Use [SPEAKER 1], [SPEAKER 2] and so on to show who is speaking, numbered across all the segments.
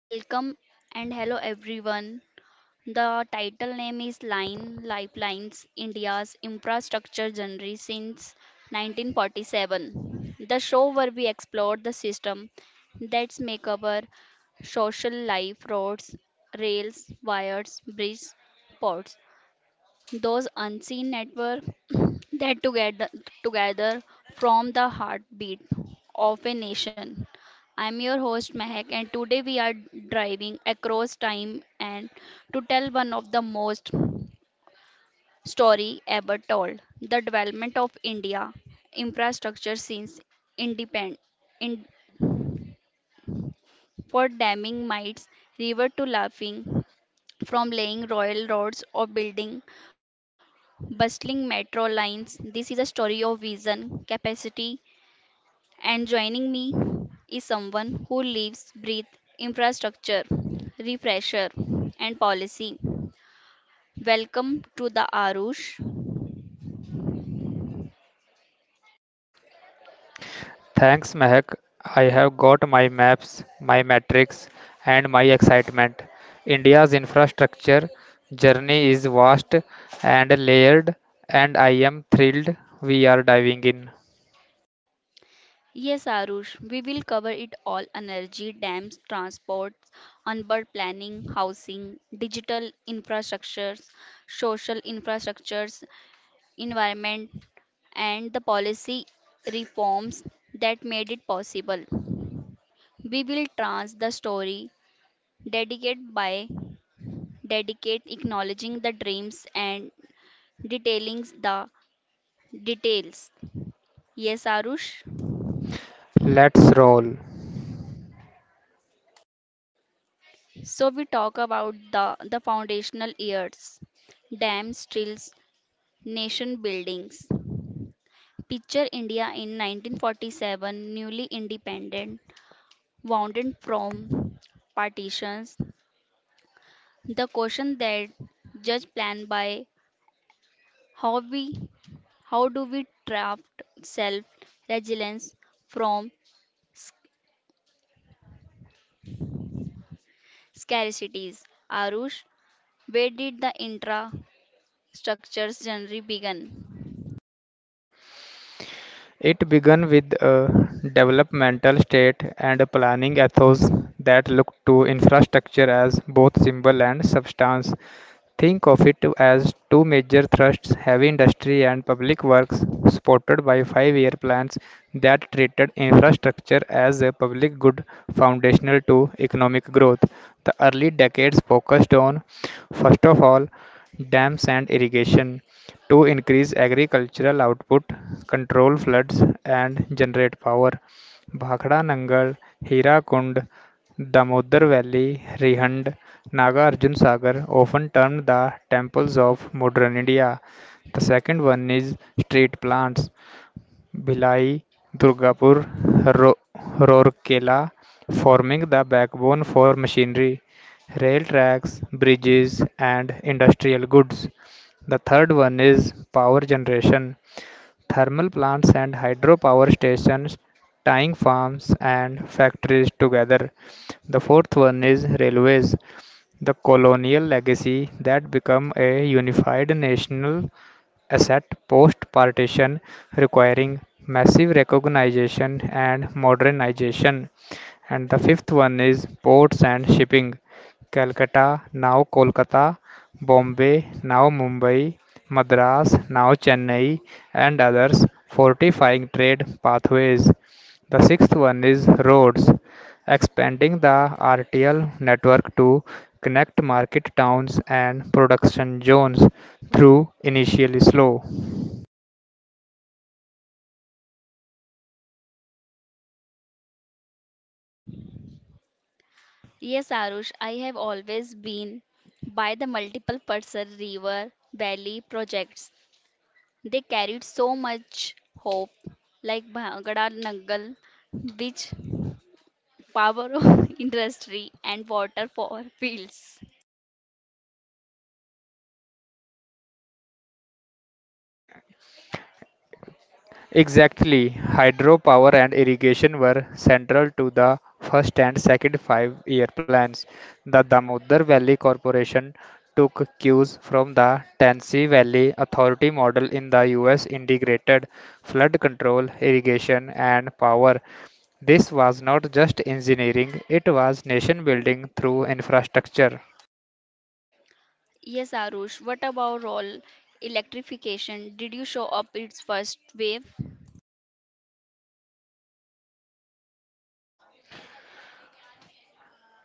[SPEAKER 1] Welcome and hello everyone. The title name is Line Lifelines India's Infrastructure Journey since 1947. The show where we explore the system that's make our social life roads, rails, wires, bridges, ports those unseen network that together from the heartbeat of a nation. I'm your host Mehak and today we are driving across time and to tell one of the most story ever told, the development of India infrastructure since independent in, for damming mites river to laughing from laying royal roads or building bustling metro lines. This is a story of vision, capacity, and joining me is someone who lives, breathes infrastructure, refresher, and policy. Welcome to the Arush.
[SPEAKER 2] Thanks, Mehak. I have got my maps, my metrics, and my excitement. India's infrastructure journey is vast and layered, and I am thrilled we are diving in.
[SPEAKER 1] Yes, Arush, we will cover it all energy, dams, transport, onboard planning, housing, digital infrastructures, social infrastructures, environment, and the policy reforms that made it possible. We will trans the story dedicate by dedicate acknowledging the dreams and detailing the details. Yes, Arush.
[SPEAKER 2] Let's roll.
[SPEAKER 1] So we talk about the foundational years, dams, drills, nation buildings. Picture India in 1947, newly independent, wounded from partitions. The question that judge plan by how we how do we draft self resilience from s- scarcities. Arush, where did the intra structures journey begin?
[SPEAKER 2] It began with a developmental state and a planning ethos that looked to infrastructure as both symbol and substance. Think of it as two major thrusts heavy industry and public works, supported by 5 year plans that treated infrastructure as a public good foundational to economic growth. The early decades focused on, first of all, dams and irrigation to increase agricultural output, control floods, and generate power. Bhakra Nangal, Hira Kund, Damodar Valley, Rihand. Naga Arjun Sagar, often termed the temples of modern India. The second one is street plants, Bhilai, Durgapur, Ro- Rourkela, forming the backbone for machinery, rail tracks, bridges, and industrial goods. The third one is power generation, thermal plants and hydropower stations, tying farms and factories together. The fourth one is railways, the colonial legacy that became a unified national asset post-partition, requiring massive recognition and modernization and the fifth one is ports and shipping. Calcutta, now Kolkata, Bombay, now Mumbai, Madras, now Chennai, and others, fortifying trade pathways. The sixth one is roads, expanding the RTL network to connect market towns and production zones through initially slow.
[SPEAKER 1] Yes, Arush, I have always been by the multiple person river valley projects. They carried so much hope, like Bhangada Nangal, which power of industry and water for fields.
[SPEAKER 2] Exactly, hydropower and irrigation were central to the first and second 5 year plans. The Damodar Valley Corporation took cues from the Tennessee Valley Authority model in the US integrated flood control, irrigation, and power. This was not just engineering, it was nation building through infrastructure.
[SPEAKER 1] Yes, Arush, what about all electrification? Did you show up its first wave?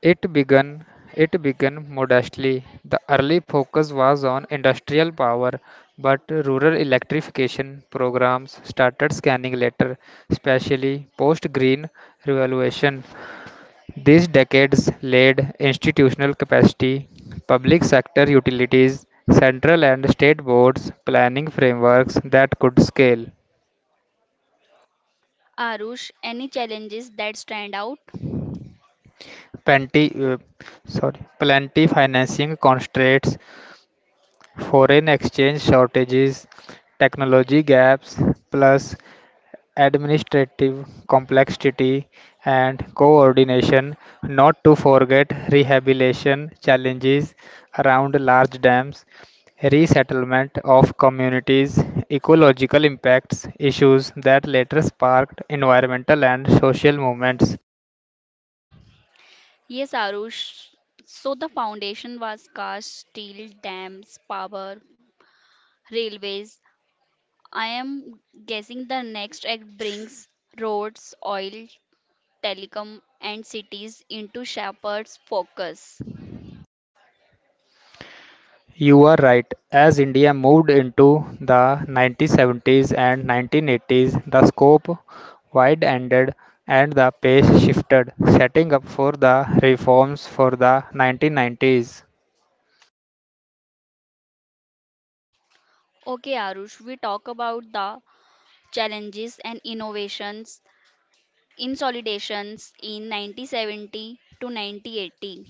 [SPEAKER 2] It began it began modestly. The early focus was on industrial power, but rural electrification programs started scanning later, especially post Green Revolution. These decades laid institutional capacity, public sector utilities, central and state boards, planning frameworks that could scale.
[SPEAKER 1] Arush, any challenges that stand out?
[SPEAKER 2] Plenty uh, sorry plenty financing constraints, foreign exchange shortages, technology gaps, plus administrative complexity and coordination, not to forget rehabilitation challenges around large dams, resettlement of communities, ecological impacts issues that later sparked environmental and social movements.
[SPEAKER 1] Yes, Arush. So the foundation was cast, steel, dams, power, railways. I am guessing the next act brings roads, oil, telecom, and cities into Shepherd's focus.
[SPEAKER 2] You are right. As India moved into the 1970s and 1980s, the scope widened and the pace shifted, setting up for the reforms for the 1990s.
[SPEAKER 1] Okay, Arush, we talk about the challenges and innovations Insolidations in 1970 to 1980.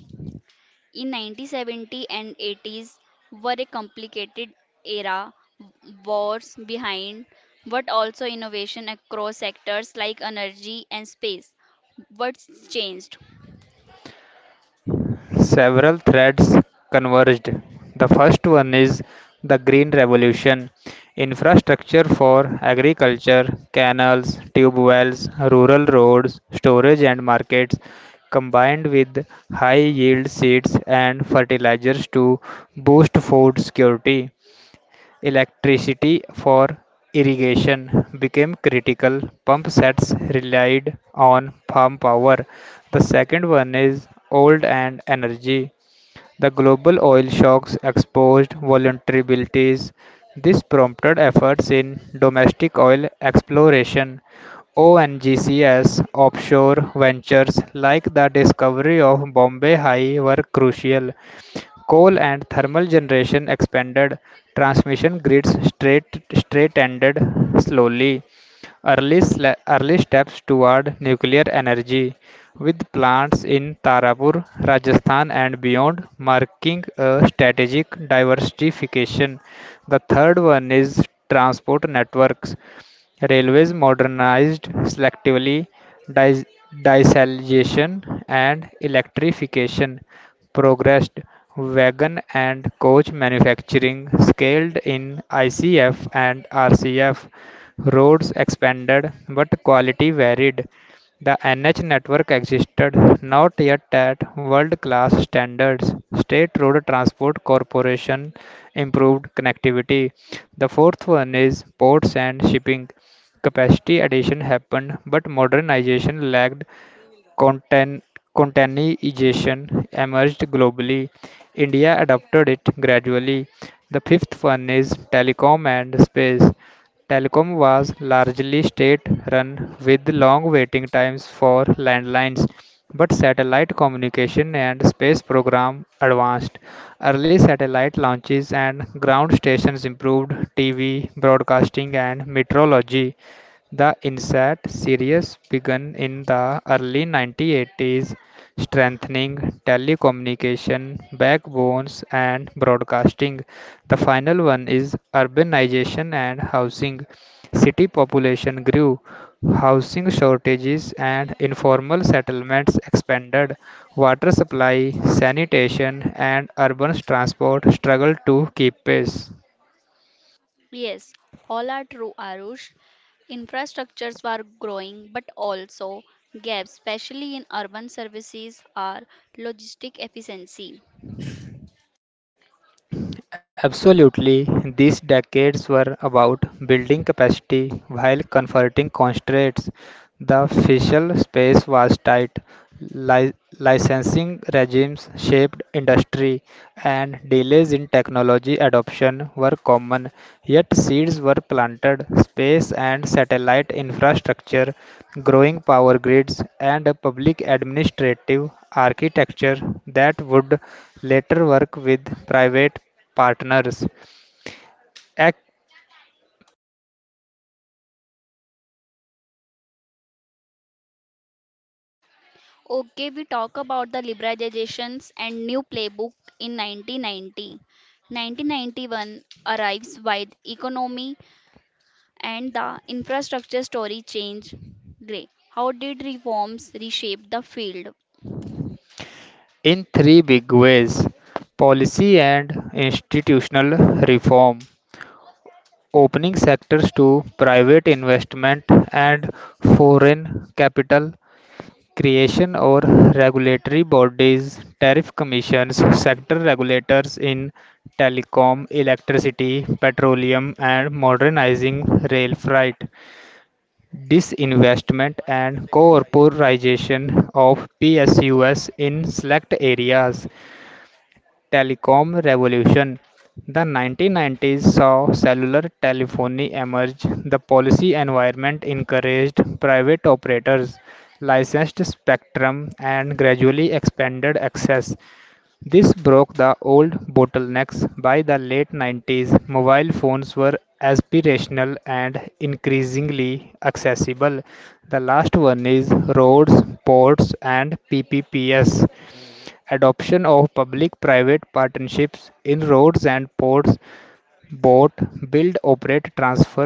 [SPEAKER 1] In 1970 and 80s were a complicated era, wars behind, but also innovation across sectors like energy and space. What's changed?
[SPEAKER 2] Several threads converged. The first one is the Green Revolution. Infrastructure for agriculture, canals, tube wells, rural roads, storage and markets, combined with high yield seeds and fertilizers to boost food security. Electricity for irrigation became critical. Pump sets relied on farm power. The second one is oil and energy. The global oil shocks exposed vulnerabilities. This prompted efforts in domestic oil exploration. ONGCS offshore ventures like the discovery of Bombay High were crucial. Coal and thermal generation expanded transmission grids straight-ended slowly. Early steps toward nuclear energy, with plants in Tarapur, Rajasthan, and beyond, marking a strategic diversification. The third one is transport networks. Railways modernized selectively, dis- dieselization, and electrification progressed, wagon and coach manufacturing scaled in ICF and RCF. Roads expanded, but quality varied. The NH network existed not yet at world class standards. State Road Transport Corporation improved connectivity. The fourth one is ports and shipping. Capacity addition happened, but modernization lagged. Content Containerization emerged globally. India adopted it gradually. The fifth one is telecom and space. Telecom was largely state run with long waiting times for landlines, but satellite communication and space program advanced. Early satellite launches and ground stations improved TV, broadcasting, and meteorology. The Inset series began in the early 1980s, strengthening telecommunication backbones and broadcasting. The final one is urbanization and housing. City population grew, housing shortages and informal settlements expanded. Water supply, sanitation, and urban transport struggled to keep pace.
[SPEAKER 1] Yes, all are true, Arush. Infrastructures were growing, but also gaps, especially in urban services, are logistic efficiency.
[SPEAKER 2] Absolutely, these decades were about building capacity while converting constraints. The fiscal space was tight, li- licensing regimes shaped industry, and delays in technology adoption were common. Yet seeds were planted, space and satellite infrastructure, growing power grids, and a public administrative architecture that would later work with private partners. Act
[SPEAKER 1] Okay, we talk about the liberalizations and new playbook in 1990. 1991 arrives while economy and the infrastructure story change. Gray. How did reforms reshape the field?
[SPEAKER 2] in three big ways: policy and institutional reform, opening sectors to private investment and foreign capital, creation or regulatory bodies, tariff commissions, sector regulators in telecom, electricity, petroleum, and modernizing rail freight, disinvestment and corporatization of PSUs in select areas, telecom revolution. The 1990s saw cellular telephony emerge. The policy environment encouraged private operators, licensed spectrum, and gradually expanded access. This broke the old bottlenecks. By the late 90s, mobile phones were aspirational and increasingly accessible. The last one is roads, ports, and PPPs. Adoption of public-private partnerships in roads and ports, both build-operate-transfer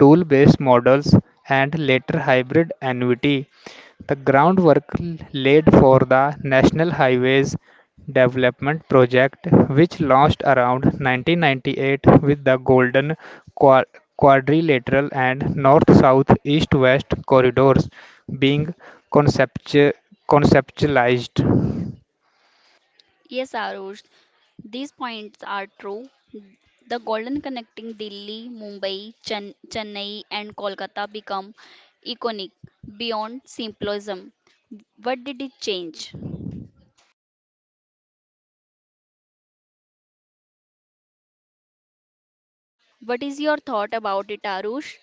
[SPEAKER 2] tool-based models and later hybrid annuity. The groundwork laid for the National Highways Development Project, which launched around 1998 with the Golden Qua- Quadrilateral and North-South East-West corridors being conceptu- conceptualized.
[SPEAKER 1] Yes, Arush, these points are true. The golden connecting Delhi, Mumbai, Chennai, and Kolkata become iconic beyond simplism. What did it change? What is your thought about it, Arush?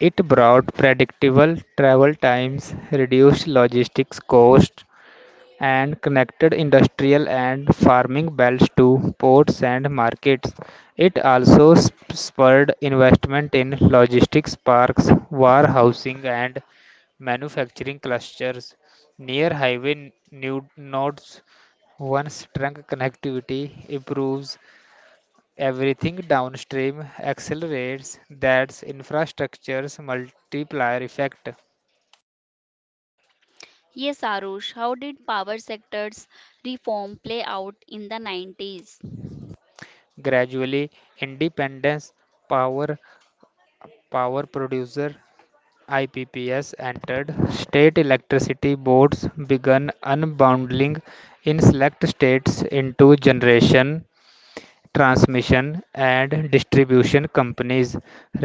[SPEAKER 2] It brought predictable travel times, reduced logistics costs, and connected industrial and farming belts to ports and markets. It also spurred investment in logistics parks, warehousing, and manufacturing clusters near highway nude nodes. One strong connectivity improves. Everything downstream accelerates, that's infrastructure's multiplier effect.
[SPEAKER 1] Yes, Arush, how did power sectors reform play out in the 90s?
[SPEAKER 2] Gradually, independence power power producer IPPs entered. State electricity boards began unbundling in select states into generation transmission and distribution companies.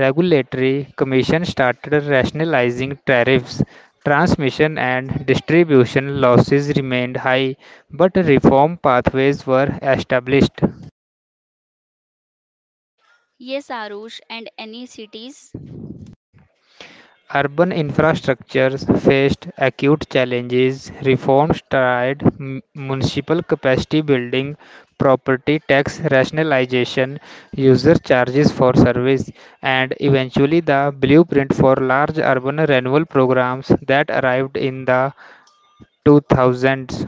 [SPEAKER 2] Regulatory Commission started rationalizing tariffs. Transmission and distribution losses remained high, but reform pathways were established.
[SPEAKER 1] Yes, Arush, and any cities?
[SPEAKER 2] Urban infrastructures faced acute challenges. Reforms tried municipal capacity building, property tax rationalization, user charges for service, and eventually the blueprint for large urban renewal programs that arrived in the 2000s.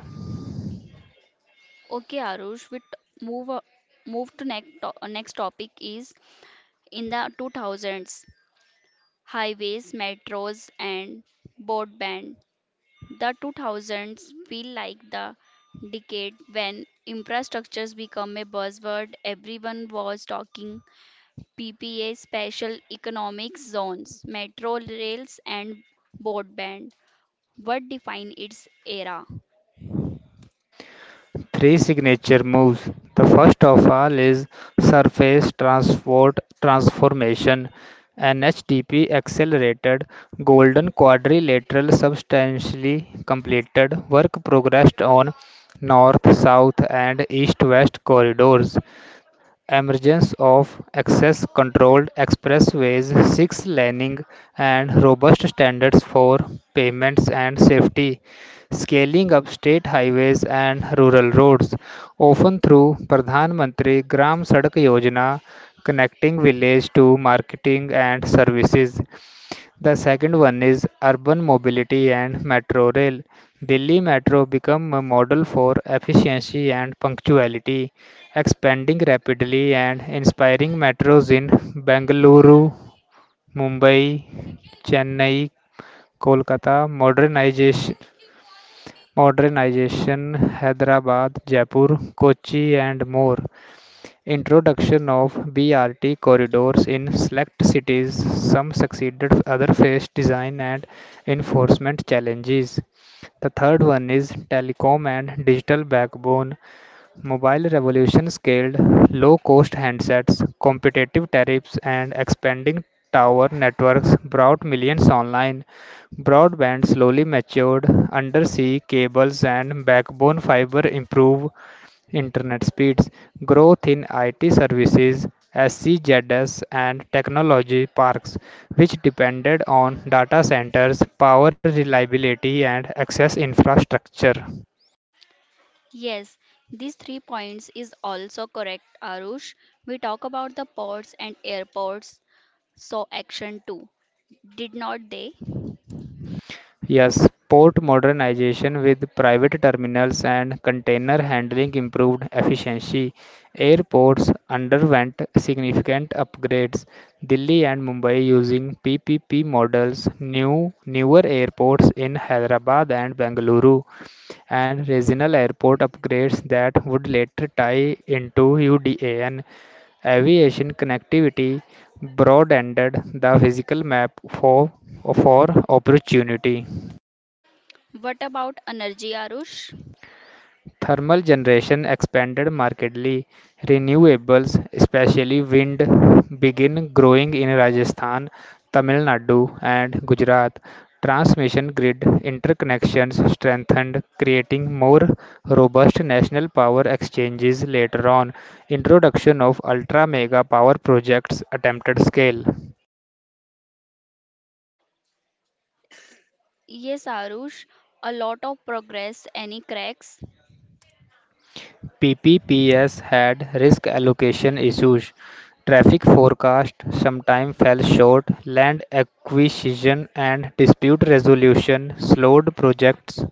[SPEAKER 1] Okay, Arush, we move to next topic is in the 2000s highways, metros, and broadband. The 2000s feel like the decade when infrastructures become a buzzword. Everyone was talking PPA, Special Economic Zones, Metro Rails, and Broadband. What define its era?
[SPEAKER 2] Three signature moves. The first of all is surface transport transformation, an HTP accelerated golden quadrilateral substantially completed work progressed on north, south and east west corridors, emergence of access-controlled expressways, six laning, and robust standards for pavements and safety, scaling up state highways and rural roads, often through Pradhan Mantri Gram Sadak Yojana, connecting village to marketing and services. The second one is urban mobility and metro rail. Delhi Metro became a model for efficiency and punctuality, expanding rapidly and inspiring metros in Bengaluru, Mumbai, Chennai, Kolkata, modernization Hyderabad, Jaipur, Kochi, and more. Introduction of BRT corridors in select cities, some succeeded, others faced design and enforcement challenges. The third one is telecom and digital backbone. Mobile revolution scaled low cost handsets, competitive tariffs, and expanding tower networks brought millions online. Broadband slowly matured, undersea cables and backbone fiber improved internet speeds, growth in IT services, SCZS, and technology parks, which depended on data centers, power reliability, and access infrastructure.
[SPEAKER 1] Yes, these three points is also correct, Arush. We talk about the ports and airports, so action too. Did not they?
[SPEAKER 2] Yes, port modernization with private terminals and container handling improved efficiency. Airports underwent significant upgrades. Delhi and Mumbai using PPP models, newer airports in Hyderabad and Bengaluru, and regional airport upgrades that would later tie into UDA and aviation connectivity broadened the physical map for opportunity.
[SPEAKER 1] What about energy, Arush?
[SPEAKER 2] Thermal generation expanded markedly; renewables, especially wind, begin growing in Rajasthan, Tamil Nadu, and Gujarat. Transmission grid interconnections strengthened, creating more robust national power exchanges later on. Introduction of ultra mega power projects attempted scale.
[SPEAKER 1] Yes, Arush, a lot of progress. Any cracks?
[SPEAKER 2] PPPs had risk allocation issues. Traffic forecast sometimes fell short, land acquisition and dispute resolution slowed projects,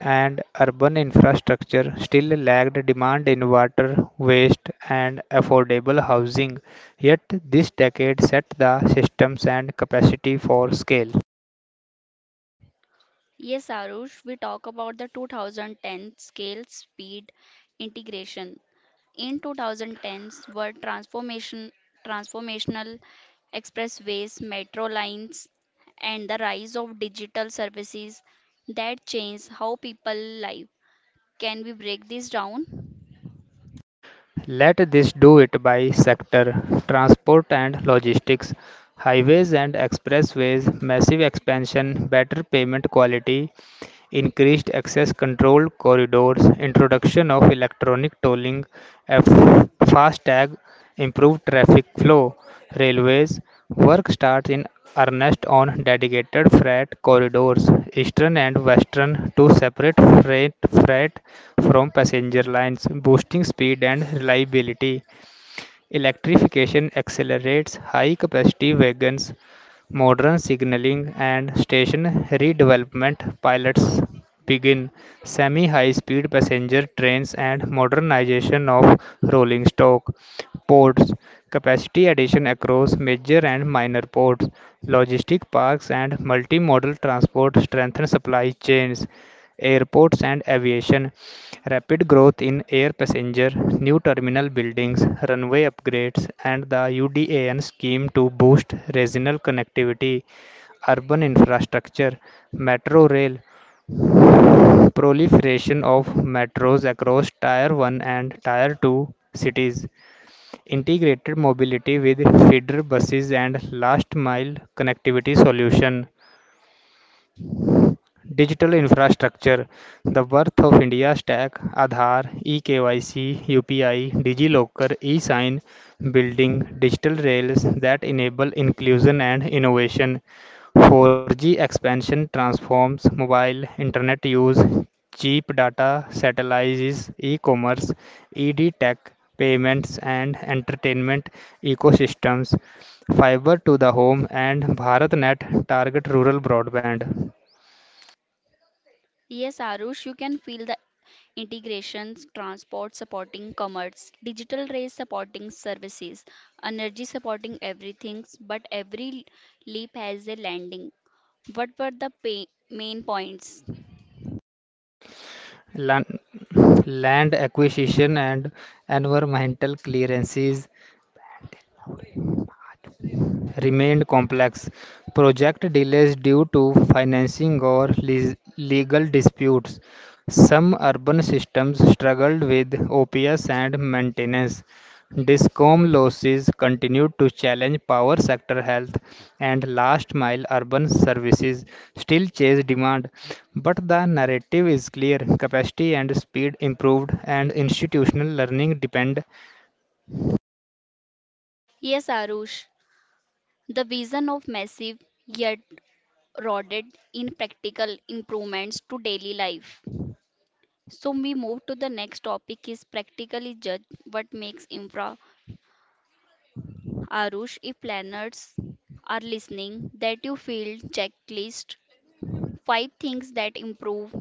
[SPEAKER 2] and urban infrastructure still lagged demand in water, waste, and affordable housing. Yet, this decade set the systems and capacity for scale.
[SPEAKER 1] Yes, Arush, we talk about the 2010 scale speed integration. In 2010s were transformational expressways, metro lines, and the rise of digital services that change how people live. Can we break this down?
[SPEAKER 2] Let this do it by sector: transport and logistics, highways and expressways, massive expansion, better payment quality, increased access control corridors, introduction of electronic tolling, fast tag), improved traffic flow. Railways work starts in earnest on dedicated freight corridors, eastern and western, to separate freight freight from passenger lines, boosting speed and reliability. Electrification accelerates high-capacity wagons, modern signalling and station redevelopment. Pilots begin semi-high-speed passenger trains and modernization of rolling stock. Ports capacity addition across major and minor ports. Logistic parks and multimodal transport strengthen supply chains, airports and aviation, rapid growth in air passenger, new terminal buildings, runway upgrades, and the UDAN scheme to boost regional connectivity, urban infrastructure, metro rail, proliferation of metros across Tier 1 and Tier 2 cities, integrated mobility with feeder buses, and last mile connectivity solution. Digital infrastructure, the birth of India Stack, Aadhaar, E-KYC, UPI, DigiLocker, sign building digital rails that enable inclusion and innovation. 4G expansion transforms mobile internet use, cheap data satellites, e-commerce, ED tech, payments and entertainment ecosystems, fiber to the home and BharatNet target rural broadband.
[SPEAKER 1] Yes, Arush, you can feel the integrations, transport supporting commerce, digital race supporting services, energy supporting everything, but every leap has a landing. What were the main points?
[SPEAKER 2] land, Land acquisition and environmental clearances remained complex. Project delays due to financing or legal disputes. Some urban systems struggled with OPS and maintenance. Discom losses continued to challenge power sector health and last mile urban services still chase demand. But the narrative is clear, capacity and speed improved, and institutional learning depend.
[SPEAKER 1] Yes, Arush. The vision of massive yet rooted in practical improvements to daily life. So we move to the next topic is practically judge what makes infra. Arush, if planners are listening, that you feel checklist five things that improve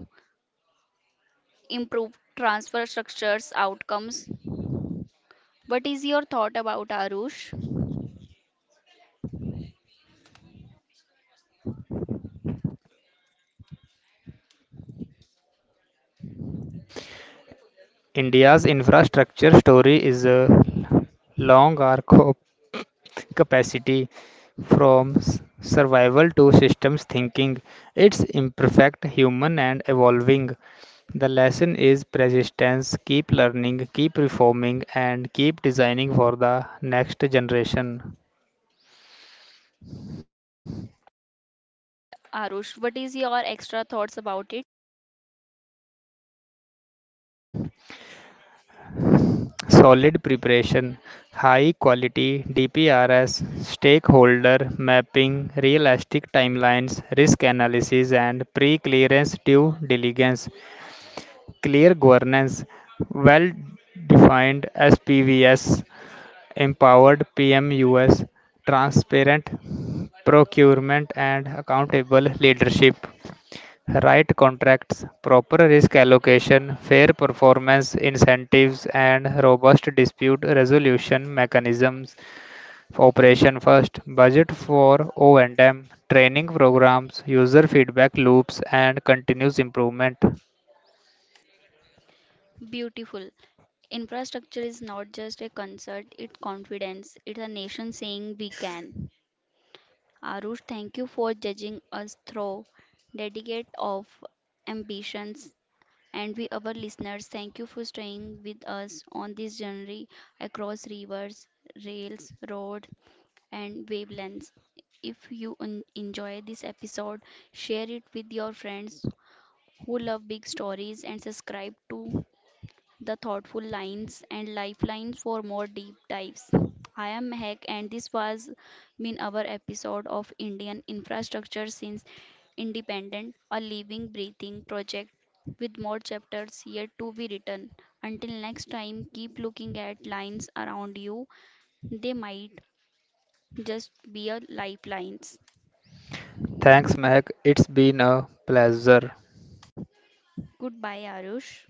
[SPEAKER 1] improve transfer structures outcomes. What is your thought about Arush?
[SPEAKER 2] India's infrastructure story is a long arc of capacity from survival to systems thinking. It's imperfect, human, and evolving. The lesson is persistence, keep learning, keep reforming, and keep designing for the next generation.
[SPEAKER 1] Okay, Arush, what is your extra thoughts about it?
[SPEAKER 2] Solid preparation, high quality DPRs, stakeholder mapping, realistic timelines, risk analysis, and pre-clearance due diligence, clear governance, well-defined SPVS, empowered PMUS, transparent procurement, and accountable leadership. Right contracts, proper risk allocation, fair performance incentives, and robust dispute resolution mechanisms. Operation first, budget for O&M, training programs, user feedback loops, and continuous improvement.
[SPEAKER 1] Beautiful. Infrastructure is not just a concert, it's confidence. It's a nation saying we can. Arush, thank you for judging us through dedicate of ambitions. And we, our listeners, thank you for staying with us on this journey across rivers, rails, road, and wavelengths. If you enjoy this episode, share it with your friends who love big stories and subscribe to the thoughtful lines and lifelines for more deep dives. I am Mehak and this was been our episode of Indian infrastructure since independent a living breathing project with more chapters yet to be written. Until next time keep looking at lines around you. They might just be a lifelines.
[SPEAKER 2] Thanks, Mehak. It's been a pleasure.
[SPEAKER 1] Goodbye Arush.